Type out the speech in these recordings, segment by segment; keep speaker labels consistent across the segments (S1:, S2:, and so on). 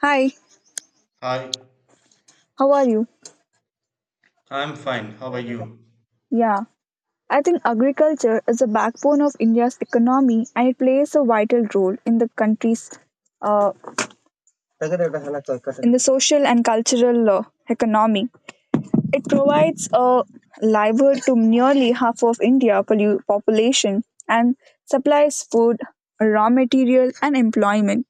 S1: Hi,
S2: Hi,
S1: how are you?
S2: I'm fine. How are you?
S1: Yeah, I think agriculture is the backbone of India's economy and it plays a vital role in the country's uh, in the social and cultural economy. It provides a livelihood to nearly half of India's population and supplies food, raw material and employment.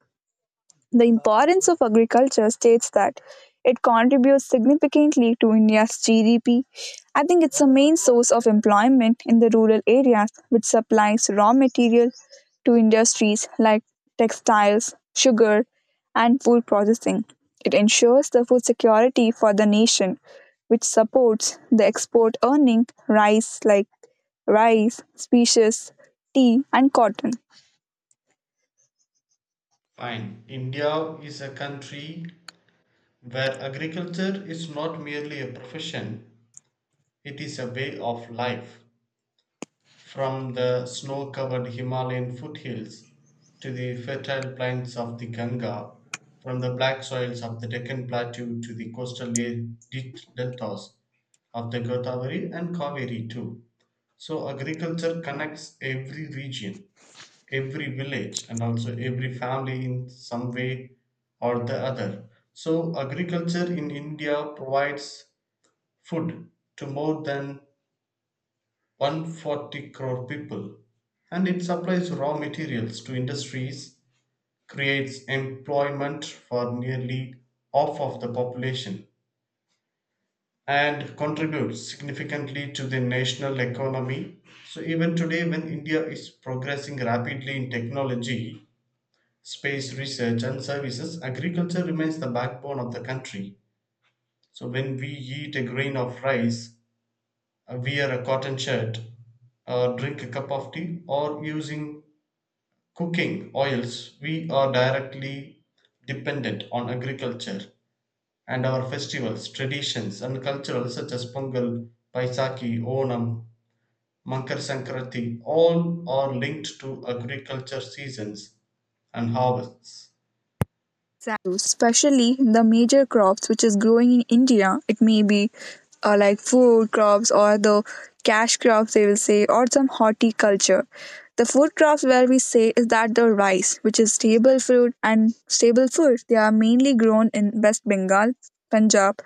S1: The importance of agriculture states that it contributes significantly to India's GDP. I think it's a main source of employment in the rural areas, which supplies raw material to industries like textiles, sugar, and food processing. It ensures the food security for the nation, which supports the export earning rice like rice, species, tea, and cotton.
S2: Fine. India is a country where agriculture is not merely a profession, it is a way of life. From the snow covered Himalayan foothills to the fertile plains of the Ganga, from the black soils of the Deccan Plateau to the coastal deltas of the Godavari and Kaveri, too. So agriculture connects every region, every village, and also every family in some way or the other. So agriculture in India provides food to more than 140 crore people, and it supplies raw materials to industries, creates employment for nearly half of the population, and contributes significantly to the national economy. So even today, when India is progressing rapidly in technology, space research and services, agriculture remains the backbone of the country. So when we eat a grain of rice, wear a cotton shirt, or drink a cup of tea, or using cooking oils, we are directly dependent on agriculture. And our festivals, traditions, and cultural such as Pongal, Paisaki, Onam, Mankar Sankranti, all are linked to agriculture seasons and harvests.
S1: Exactly, especially the major crops which is growing in India. It may be like food crops or the cash crops they will say or some horticulture. The food crops where we say is that the rice, which is staple fruit and staple food, they are mainly grown in West Bengal, Punjab,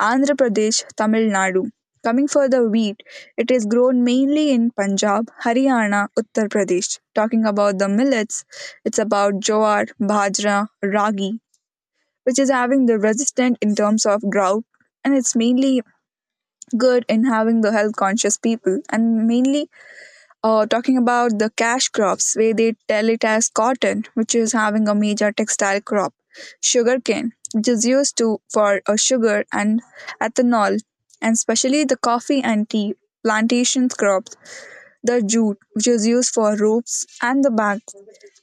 S1: Andhra Pradesh, Tamil Nadu. Coming for the wheat, it is grown mainly in Punjab, Haryana, Uttar Pradesh. Talking about the millets, it's about jowar, bajra, ragi, which is having the resistant in terms of drought and it's mainly good in having the health conscious people and mainly talking about the cash crops where they tell it as cotton which is having a major textile crop, sugarcane which is used to for sugar and ethanol, and especially the coffee and tea plantations crop, the jute which is used for ropes and the bag,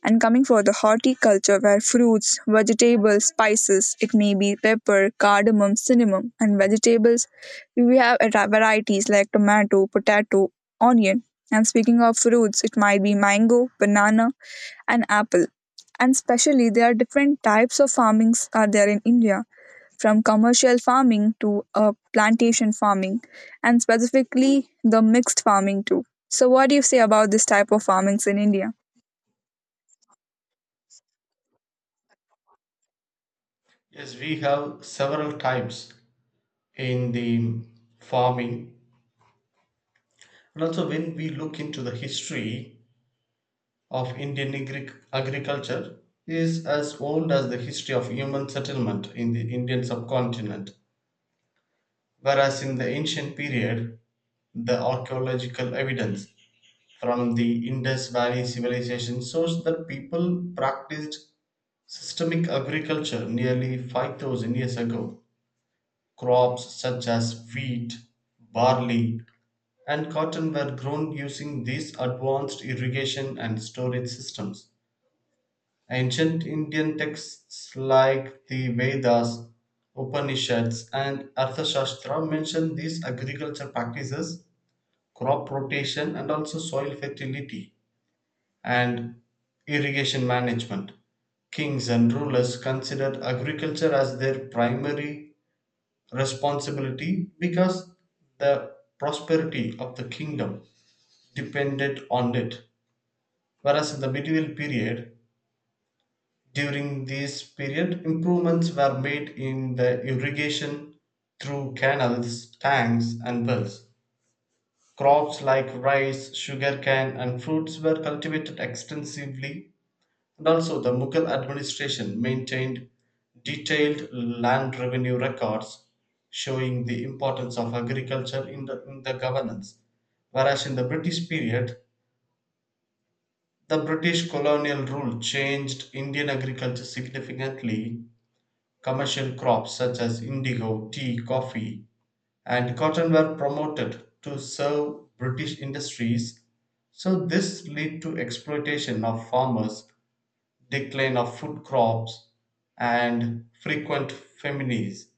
S1: and coming for the horticulture where fruits, vegetables, spices, it may be pepper, cardamom, cinnamon, and vegetables we have varieties like tomato, potato, onion, and speaking of fruits it might be mango, banana, and apple. And specially there are different types of farmings are there in India, from commercial farming to plantation farming, and specifically the mixed farming too. So, what do you say about this type of farmings in India?
S2: Yes, we have several types in the farming, and also when we look into the history of Indian agriculture is as old as the history of human settlement in the Indian subcontinent. Whereas in the ancient period, the archaeological evidence from the Indus Valley civilization shows that people practiced systemic agriculture nearly 5,000 years ago. Crops such as wheat, barley, and cotton were grown using these advanced irrigation and storage systems. Ancient Indian texts like the Vedas, Upanishads, and Arthashastra mention these agriculture practices, crop rotation, and also soil fertility and irrigation management. Kings and rulers considered agriculture as their primary responsibility because the prosperity of the kingdom depended on it. Whereas in the medieval period, during this period improvements were made in the irrigation through canals, tanks and wells. Crops like rice, sugarcane and fruits were cultivated extensively, and also the Mughal administration maintained detailed land revenue records showing the importance of agriculture in the governance. Whereas in the British period, the British colonial rule changed Indian agriculture significantly. Commercial crops such as indigo, tea, coffee, and cotton were promoted to serve British industries. So this led to exploitation of farmers, decline of food crops, and frequent famines,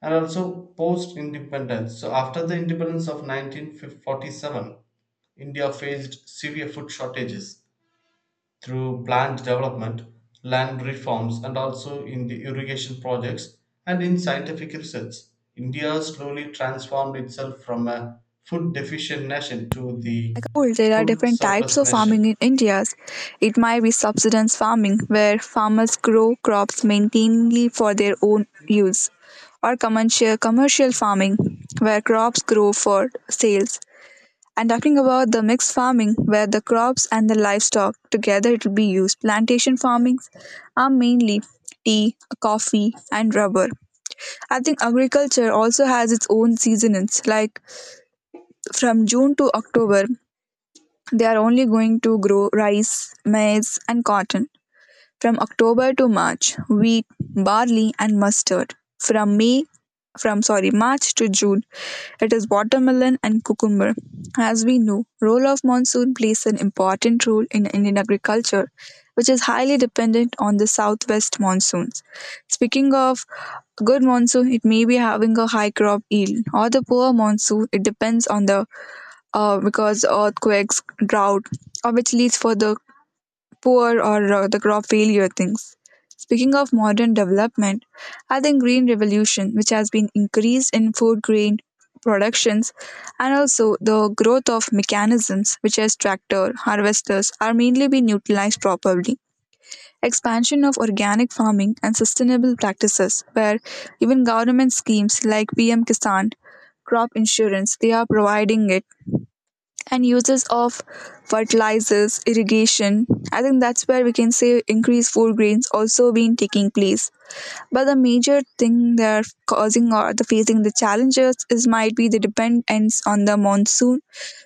S2: and also post independence. So after the independence of 1947, India faced severe food shortages. Through planned development, land reforms and also in the irrigation projects and in scientific research, India slowly transformed itself from a food deficient nation to the
S1: Cool. There are
S2: food
S1: different types
S2: surplus
S1: of farming
S2: nation.
S1: in India. It might be subsistence farming, where farmers grow crops mainly for their own use, or commercial farming, where crops grow for sales. And talking about the mixed farming, where the crops and the livestock together it will be used. Plantation farmings are mainly tea, coffee, and rubber. I think agriculture also has its own seasons, like from June to October, they are only going to grow rice, maize, and cotton, from October to March, wheat, barley and mustard. From May from sorry March to June it is watermelon and cucumber. As we know, role of monsoon plays an important role in Indian agriculture which is highly dependent on the southwest monsoons. Speaking of good monsoon, it may be having a high crop yield, or the poor monsoon, it depends on the because earthquakes, drought, or which leads for the poor, or the crop failure things. Speaking of modern development, I think green revolution which has been increased in food grain productions, and also the growth of mechanisms which as tractor harvesters are mainly being utilized properly, expansion of organic farming and sustainable practices where even government schemes like PM Kisan, crop insurance, they are providing it, and uses of fertilizers, irrigation. I think that's where we can say increased food grains also been taking place. But the major thing they're causing or the facing the challenges is might be the dependence on the monsoon,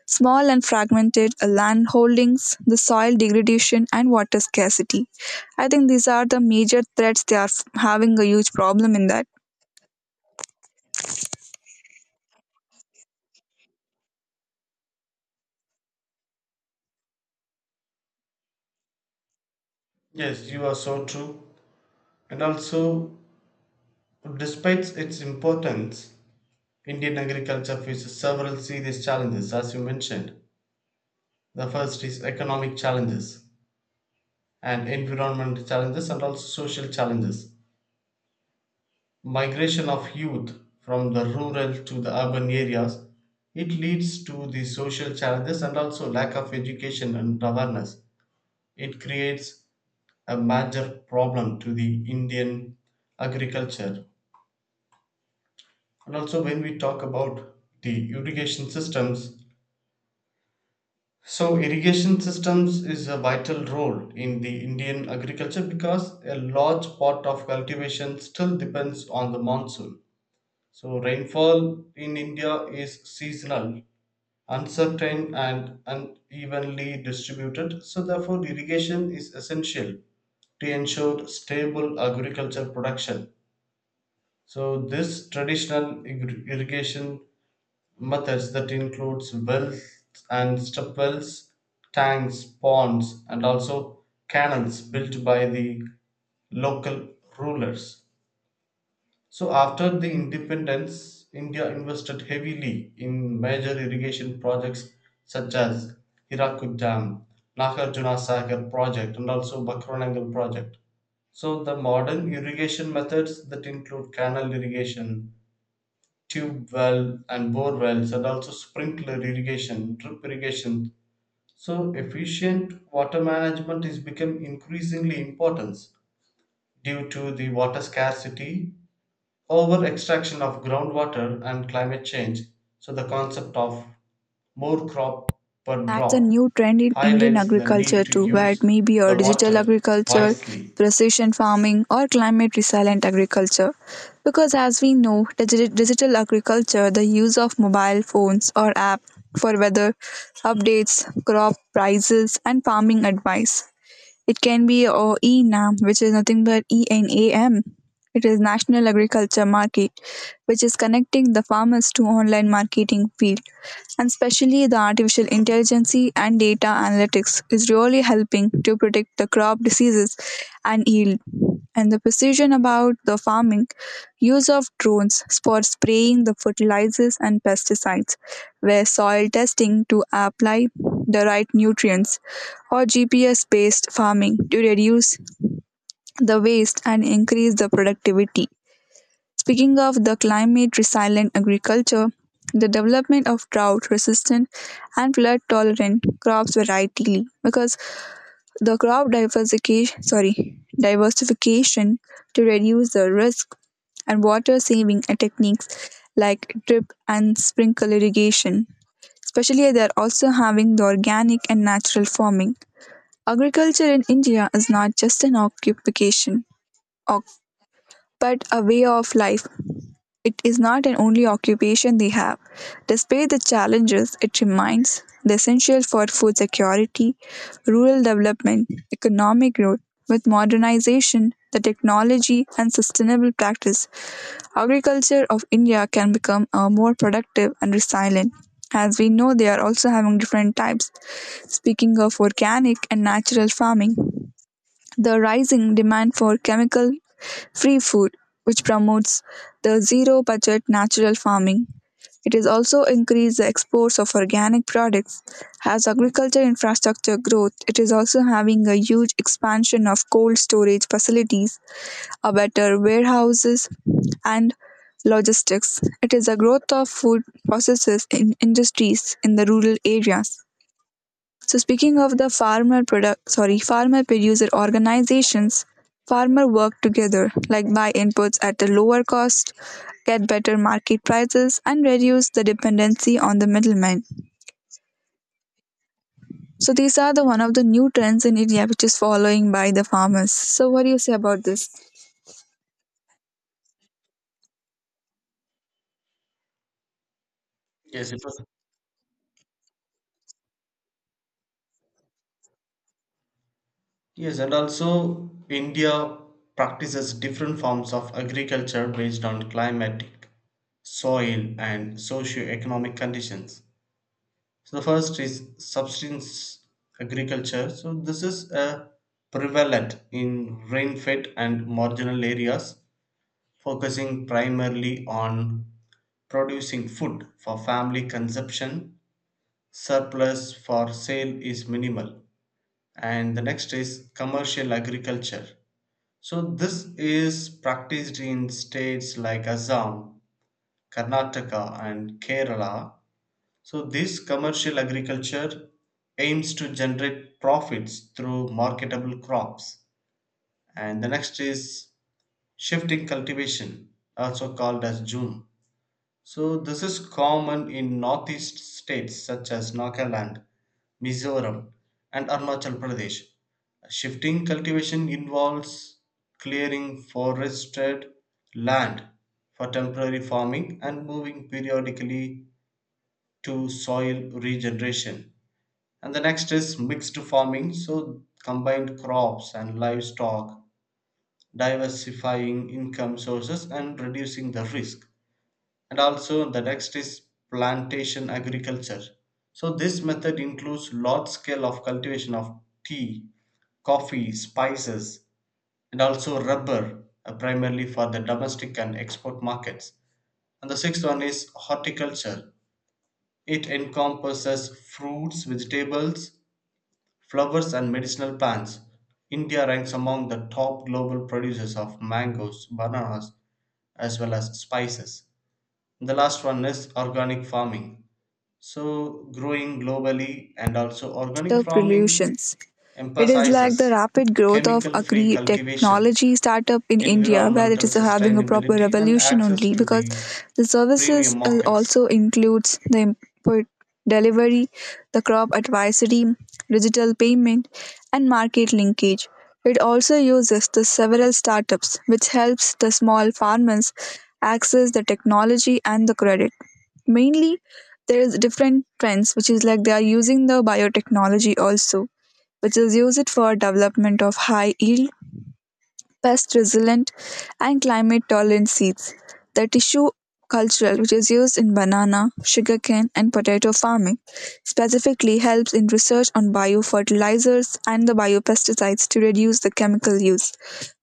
S1: small and fragmented land holdings, the soil degradation and water scarcity. I think these are the major threats they are having a huge problem in that.
S2: Yes, you are so true. And also, despite its importance, Indian agriculture faces several serious challenges, as you mentioned. The first is economic challenges and environmental challenges and also social challenges. Migration of youth from the rural to the urban areas, it leads to the social challenges, and also lack of education and awareness, it creates a major problem to the Indian agriculture. And also, when we talk about the irrigation systems, so irrigation systems is a vital role in the Indian agriculture because a large part of cultivation still depends on the monsoon. So rainfall in India is seasonal, uncertain, and unevenly distributed. So therefore, irrigation is essential to ensure stable agriculture production. So this traditional irrigation methods that includes wells and step wells, tanks, ponds, and also canals built by the local rulers. So after the independence, India invested heavily in major irrigation projects such as Hirakud Dam, Nagarjuna Sagar project and also Bakranangal project. So the modern irrigation methods that include canal irrigation, tube well and bore wells and also sprinkler irrigation, drip irrigation. So efficient water management is become increasingly important due to the water scarcity, over extraction of groundwater and climate change. So the concept of more crop per
S1: That's a
S2: drop
S1: new trend in Indian
S2: highlights the need
S1: agriculture
S2: to
S1: too, where it
S2: use
S1: may be a
S2: the
S1: digital
S2: water
S1: agriculture,
S2: wisely.
S1: precision farming, or climate resilient agriculture. Because as we know, digital agriculture, the use of mobile phones or app for weather updates, crop prices, and farming advice, it can be or ENAM, which is nothing but ENAM. It is National Agriculture Market, which is connecting the farmers to online marketing field. And especially the artificial intelligence and data analytics is really helping to predict the crop diseases and yield. And the precision about the farming, use of drones for spraying the fertilizers and pesticides, where soil testing to apply the right nutrients, or GPS-based farming to reduce the waste and increase the productivity. Speaking of the climate resilient agriculture, the development of drought resistant and flood tolerant crops variety, because the crop diversification sorry diversification to reduce the risk, and water saving techniques like drip and sprinkle irrigation, especially they are also having the organic and natural farming. Agriculture in India is not just an occupation, or but a way of life. It is not an only occupation they have. Despite the challenges, it remains the essential for food security, rural development, economic growth. With modernization, the technology, and sustainable practice, agriculture of India can become more productive and resilient. As we know, they are also having different types. Speaking of organic and natural farming, the rising demand for chemical-free food, which promotes the zero-budget natural farming. It has also increased the exports of organic products. As agriculture infrastructure growth, it is also having a huge expansion of cold storage facilities, a better warehouses and logistics. It is a growth of food processes in industries in the rural areas. So speaking of the farmer producer organizations, farmer work together, like buy inputs at a lower cost, get better market prices, and reduce the dependency on the middleman. So these are the one of the new trends in India which is following by the farmers. So what do you say about this?
S2: Yes, it was. Yes, and also India practices different forms of agriculture based on climatic, soil and socio-economic conditions. So the first is subsistence agriculture. So this is prevalent in rain-fed and marginal areas, focusing primarily on producing food for family consumption. Surplus for sale is minimal. And the next is commercial agriculture. So this is practiced in states like Assam, Karnataka, and Kerala. So this commercial agriculture aims to generate profits through marketable crops. And the next is shifting cultivation, also called as Zoom. So this is common in northeast states such as Nagaland, Mizoram, and Arunachal Pradesh. Shifting cultivation involves clearing forested land for temporary farming and moving periodically to soil regeneration. And the next is mixed farming, so combined crops and livestock, diversifying income sources and reducing the risk. And also the next is plantation agriculture. So this method includes large scale of cultivation of tea, coffee, spices and also rubber, primarily for the domestic and export markets. And the sixth one is horticulture. It encompasses fruits, vegetables, flowers and medicinal plants. India ranks among the top global producers of mangoes, bananas, as well as spices. The last one is organic farming. So growing globally, and also organic
S1: Turf
S2: farming
S1: relations. It is
S2: emphasizes
S1: like the rapid growth of
S2: chemical free
S1: agri
S2: cultivation,
S1: technology startup in India, where it
S2: environmental
S1: is having a proper
S2: sustainability, and
S1: revolution
S2: access
S1: only
S2: to the
S1: because the
S2: premium
S1: services
S2: markets.
S1: also includes the input delivery, the crop advisory, digital payment, and market linkage. It also uses the several startups, which helps the small farmers access the technology and the credit. Mainly, there is different trends, which is like they are using the biotechnology also, which is used for development of high yield, pest resilient, and climate tolerant seeds. The tissue cultural, which is used in banana, sugarcane, and potato farming, specifically helps in research on biofertilizers and the biopesticides to reduce the chemical use.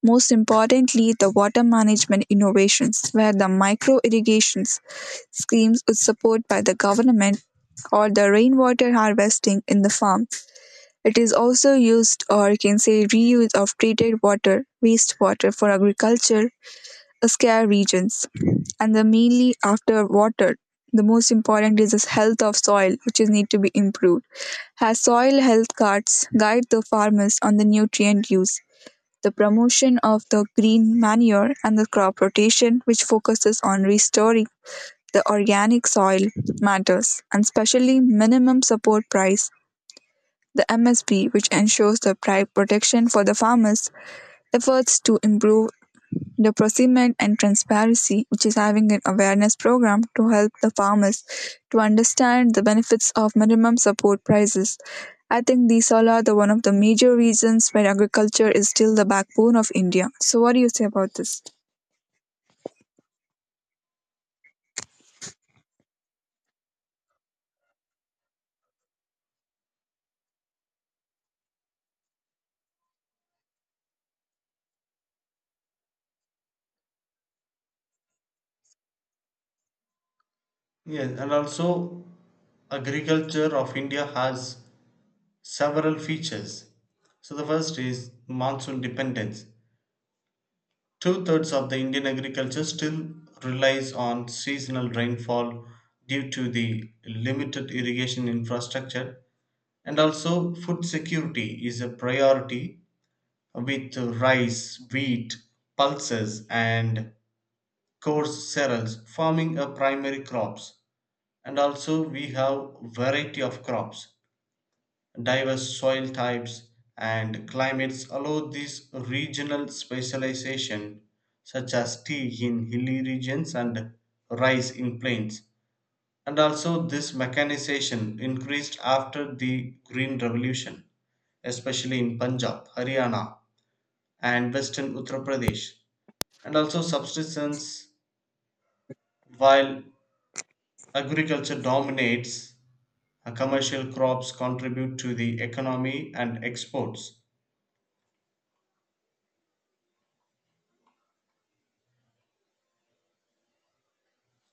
S1: Most importantly, the water management innovations, where the micro irrigations schemes with support by the government, or the rainwater harvesting in the farm. It is also used, or you can say reuse of treated water, wastewater for agriculture, scare regions. And the mainly after water, the most important is the health of soil, which is need to be improved. As soil health cards guide the farmers on the nutrient use, the promotion of the green manure and the crop rotation, which focuses on restoring the organic soil matters, and especially minimum support price, the MSP, which ensures the price protection for the farmers, efforts to improve the procurement and transparency, which is having an awareness program to help the farmers to understand the benefits of minimum support prices. I think these all are the one of the major reasons why agriculture is still the backbone of India. So, what do you say about this?
S2: Yes, and also agriculture of India has several features. So the first is monsoon dependence. Two-thirds of the Indian agriculture still relies on seasonal rainfall due to the limited irrigation infrastructure. And also, food security is a priority with rice, wheat, pulses, and coarse cereals forming a primary crops. And also, we have variety of crops, diverse soil types, and climates allow this regional specialization, such as tea in hilly regions and rice in plains. And also, this mechanization increased after the Green Revolution, especially in Punjab, Haryana, and western Uttar Pradesh, and also subsistence. While agriculture dominates, commercial crops contribute to the economy and exports.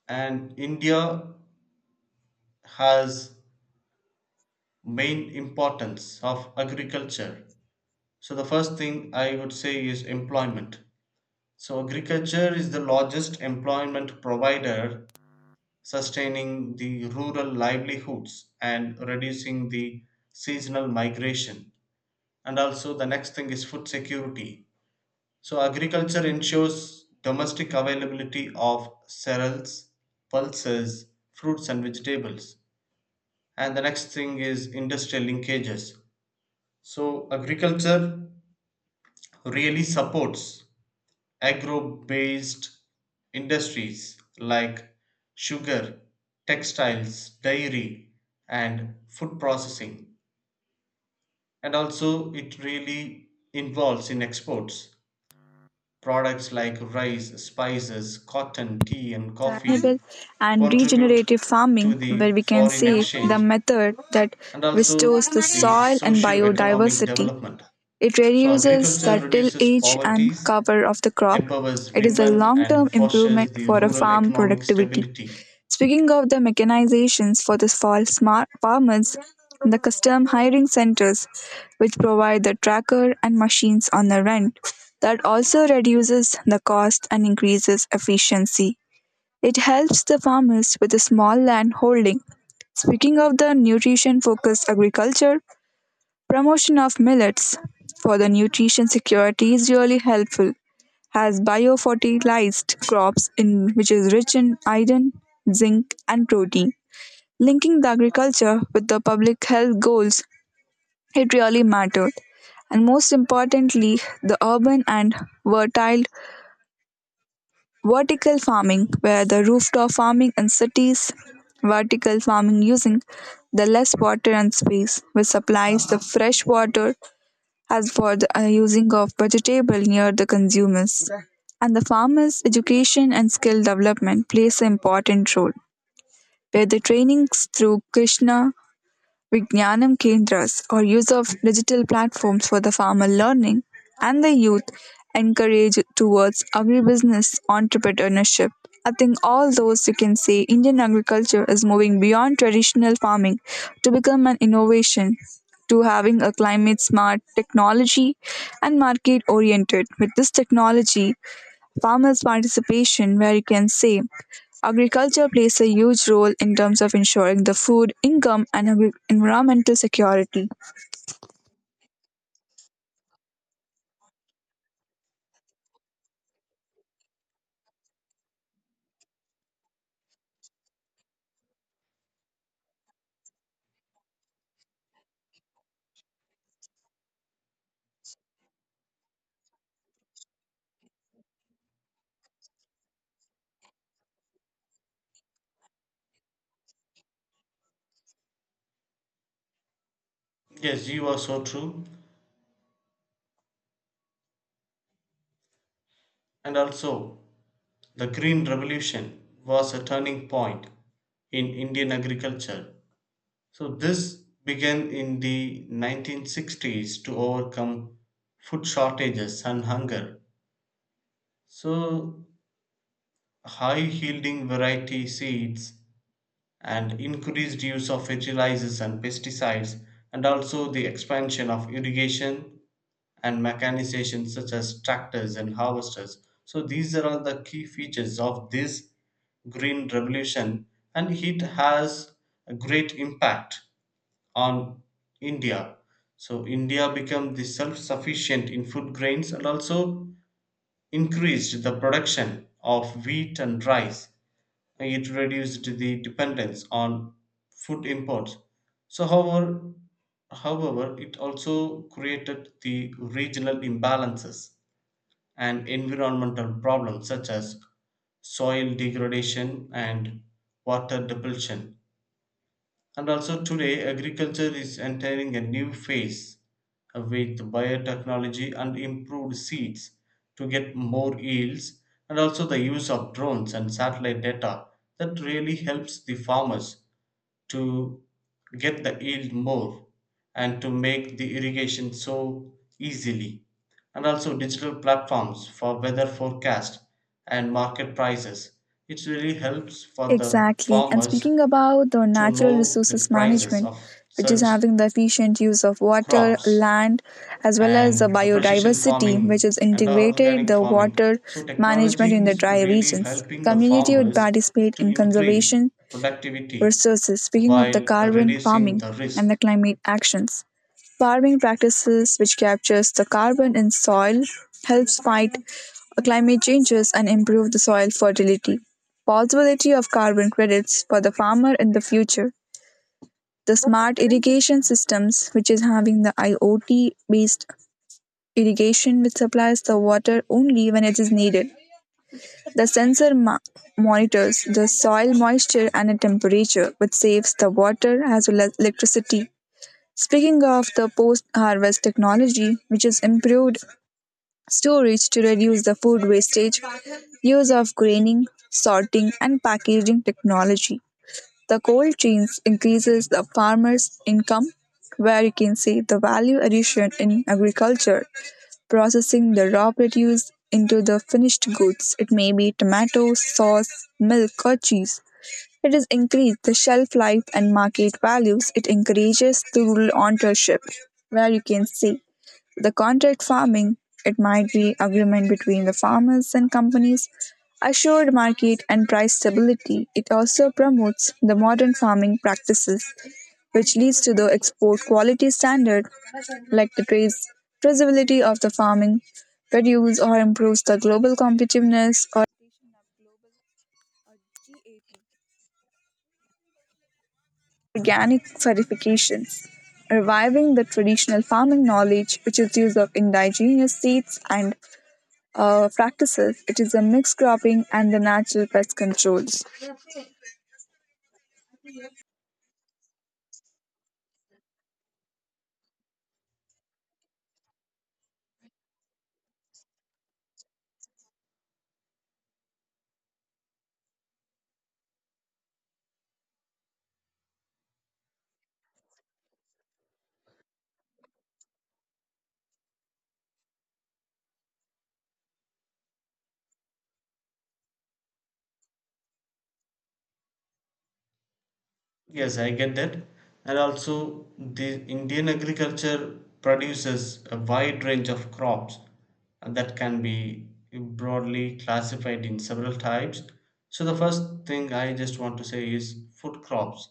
S2: And India has main importance of agriculture. So the first thing I would say is employment. So agriculture is the largest employment provider, sustaining the rural livelihoods and reducing the seasonal migration. And also, the next thing is food security. So agriculture ensures domestic availability of cereals, pulses, fruits, and vegetables. And the next thing is industrial linkages. So agriculture really supports agro based industries like sugar, textiles, dairy, and food processing. And also, it really involves in exports products like rice, spices, cotton, tea, and coffee
S1: Sustainable and
S2: contribute
S1: regenerative farming,
S2: to
S1: where
S2: the
S1: we can
S2: foreign
S1: say the
S2: exchange
S1: method that
S2: and
S1: restores
S2: also
S1: the
S2: the
S1: soil and
S2: socio economic
S1: biodiversity.
S2: development.
S1: It
S2: So
S1: reduces
S2: agriculture
S1: the
S2: reduces
S1: tillage and
S2: poverty,
S1: cover of the crop.
S2: empowers
S1: It is a
S2: women and
S1: long-term
S2: fosters
S1: improvement
S2: the
S1: for a
S2: rural
S1: farm
S2: economic
S1: productivity.
S2: stability.
S1: Speaking of the mechanizations for the fall smart farmers, the custom hiring centers which provide the tracker and machines on the rent, that also reduces the cost and increases efficiency. It helps the farmers with a small land holding. Speaking of the nutrition focused agriculture, promotion of millets for the nutrition security is really helpful as biofertilized crops in which is rich in iron, zinc and protein. Linking the agriculture with the public health goals, it really mattered. And most importantly, the urban and fertile vertical farming, where the rooftop farming in cities, vertical farming using the less water and space which supplies the fresh water as for the using of vegetable near the consumers. And the farmers' education and skill development plays an important role, where the trainings through Krishna Vijnanam Kendras, or use of digital platforms for the farmer learning and the youth encourage towards agribusiness entrepreneurship. I think all those you can say Indian agriculture is moving beyond traditional farming to become an innovation, to having a climate smart technology and market oriented. With this technology, farmers' participation, where you can say agriculture plays a huge role in terms of ensuring the food, income, and environmental security.
S2: Yes, you are so true. And also, the Green Revolution was a turning point in Indian agriculture. So this began in the 1960s to overcome food shortages and hunger. So high yielding variety seeds and increased use of fertilizers and pesticides, and also the expansion of irrigation and mechanization, such as tractors and harvesters. So these are all the key features of this green revolution, and it has a great impact on India. So India became the self sufficient in food grains, and also increased the production of wheat and rice, it reduced the dependence on food imports. So, however, it also created the regional imbalances and environmental problems such as soil degradation and water depletion. And also today, agriculture is entering a new phase with biotechnology and improved seeds to get more yields, and also the use of drones and satellite data that really helps the farmers to get the yield more and to make the irrigation so easily. And also digital platforms for weather forecast and market prices. It really helps for the
S1: Exactly. And
S2: farmers
S1: speaking about the
S2: to
S1: natural
S2: know the
S1: resources
S2: prices
S1: management,
S2: of
S1: which is
S2: such
S1: having the efficient use of water,
S2: crops
S1: land, as well as the
S2: and a precision
S1: biodiversity, which
S2: farming
S1: is
S2: and
S1: integrated
S2: organic
S1: the
S2: farming.
S1: water
S2: So
S1: management in
S2: technology
S1: the
S2: is
S1: dry
S2: really
S1: regions.
S2: helping the
S1: Community would
S2: farmers
S1: participate
S2: to
S1: in
S2: increase
S1: conservation
S2: productivity
S1: resources, speaking of the
S2: while
S1: carbon
S2: reducing
S1: farming
S2: the
S1: and the
S2: risk.
S1: climate actions. Farming practices which captures the carbon in soil helps fight climate changes and improve the soil fertility. Possibility of carbon credits for the farmer in the future. The smart irrigation systems which is having the IoT based irrigation which supplies the water only when it is needed. The sensor monitors the soil moisture and the temperature, which saves the water as well as electricity. Speaking of the post harvest technology, which is improved storage to reduce the food wastage, use of graining, sorting, and packaging technology. The cold chains increases the farmer's income, where you can see the value addition in agriculture, processing the raw produce into the finished goods. It may be tomato sauce, milk, or cheese. It has increased the shelf life and market values. It encourages through entrepreneurship, where you can see the contract farming. It might be agreement between the farmers and companies, assured market and price stability. It also promotes the modern farming practices, which leads to the export quality standard, like the traceability of the farming produce, or improves the global competitiveness, or global, or GAP. Organic certifications, reviving the traditional farming knowledge which is use of indigenous seeds and practices. It is a mixed cropping and the natural pest controls.
S2: Yes, I get that. And also, the Indian agriculture produces a wide range of crops, and that can be broadly classified in several types. So the first thing I just want to say is food crops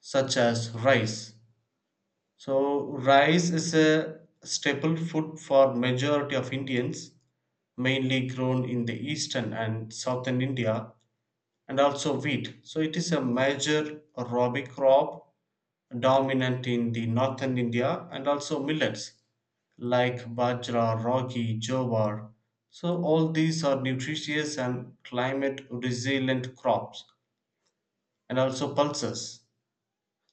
S2: such as rice. So rice is a staple food for majority of Indians, mainly grown in the eastern and southern India, and also wheat. So it is a major Rabi crop dominant in the northern India, and also millets like bajra, ragi, jowar. So all these are nutritious and climate resilient crops, and also pulses.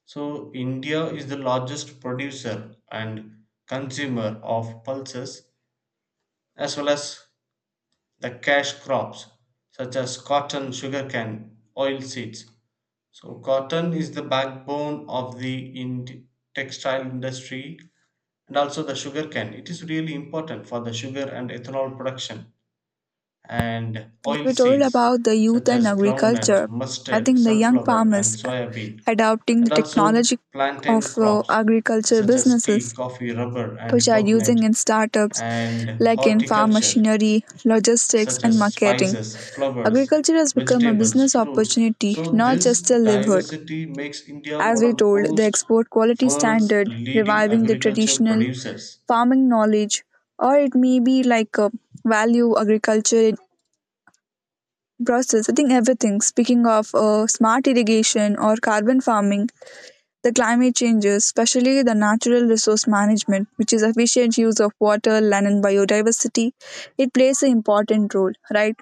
S2: So India is the largest producer and consumer of pulses, as well as the cash crops such as cotton, sugarcane, oil seeds. So cotton is the backbone of the textile industry, and also the sugar cane. It is really important for the sugar and ethanol production, and oil
S1: We told
S2: seeds
S1: about the youth
S2: such
S1: and
S2: as groundnut,
S1: agriculture. I
S2: mustard,
S1: think the young
S2: sunflower
S1: farmers
S2: and soybean,
S1: adopting the
S2: and also
S1: technology
S2: plantain
S1: of
S2: crops
S1: agriculture
S2: such as tea,
S1: businesses
S2: coffee, rubber
S1: which
S2: and
S1: are using
S2: coconut,
S1: in startups,
S2: and
S1: like in farm
S2: horticulture
S1: machinery, logistics
S2: such
S1: and
S2: as
S1: marketing.
S2: spices, flowers,
S1: Agriculture has become a
S2: vegetables,
S1: business
S2: fruits.
S1: opportunity,
S2: So
S1: not
S2: this
S1: just a livelihood.
S2: diversity makes India
S1: As
S2: one
S1: we
S2: of the
S1: told, the
S2: most
S1: export quality
S2: world's
S1: standard,
S2: leading
S1: reviving the
S2: agriculture
S1: traditional
S2: producers.
S1: farming knowledge, or it may be like value agriculture process. I think everything. Speaking of smart irrigation or carbon farming, the climate changes, especially the natural resource management, which is efficient use of water, land, and biodiversity, it plays an important role, right?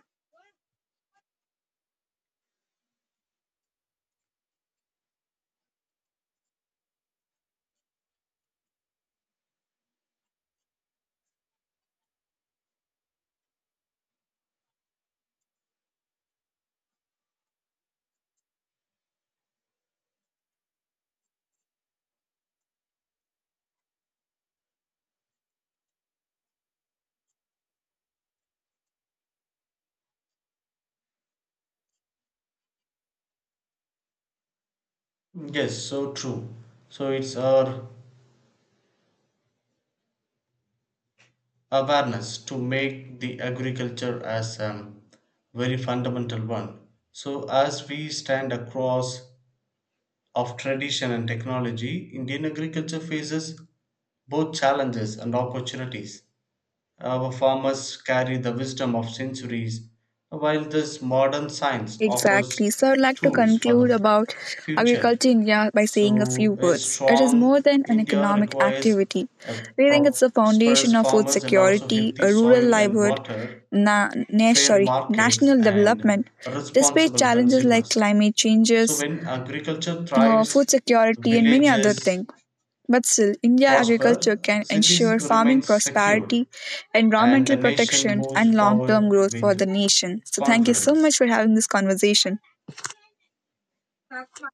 S2: Yes, so true. So it's our awareness to make the agriculture as a very fundamental one. So as we stand across of tradition and technology, Indian agriculture faces both challenges and opportunities. Our farmers carry the wisdom of centuries, while this modern science
S1: Exactly.
S2: offers
S1: So I'd like to
S2: tools for the
S1: conclude about
S2: future.
S1: agriculture in India by saying a few
S2: So a
S1: words. It is more
S2: strong
S1: than an
S2: India
S1: economic
S2: requires
S1: activity.
S2: a
S1: We think it's the
S2: prosperous
S1: foundation of food
S2: farmers and also
S1: security,
S2: healthy
S1: a rural
S2: soil and
S1: livelihood,
S2: water, fair markets,
S1: national
S2: and
S1: development. Despite
S2: responsible
S1: challenges like
S2: consumers.
S1: climate
S2: So
S1: changes,
S2: when agriculture
S1: food
S2: thrives,
S1: security, and many other
S2: villages
S1: things. But still, India agriculture
S2: prosper,
S1: can ensure
S2: cities remain
S1: farming
S2: secure
S1: prosperity,
S2: and
S1: environmental
S2: the nation
S1: protection,
S2: moves
S1: and long term
S2: forward
S1: growth for
S2: with
S1: the nation. So, thank you so much
S2: confidence.
S1: for having this conversation. কাজ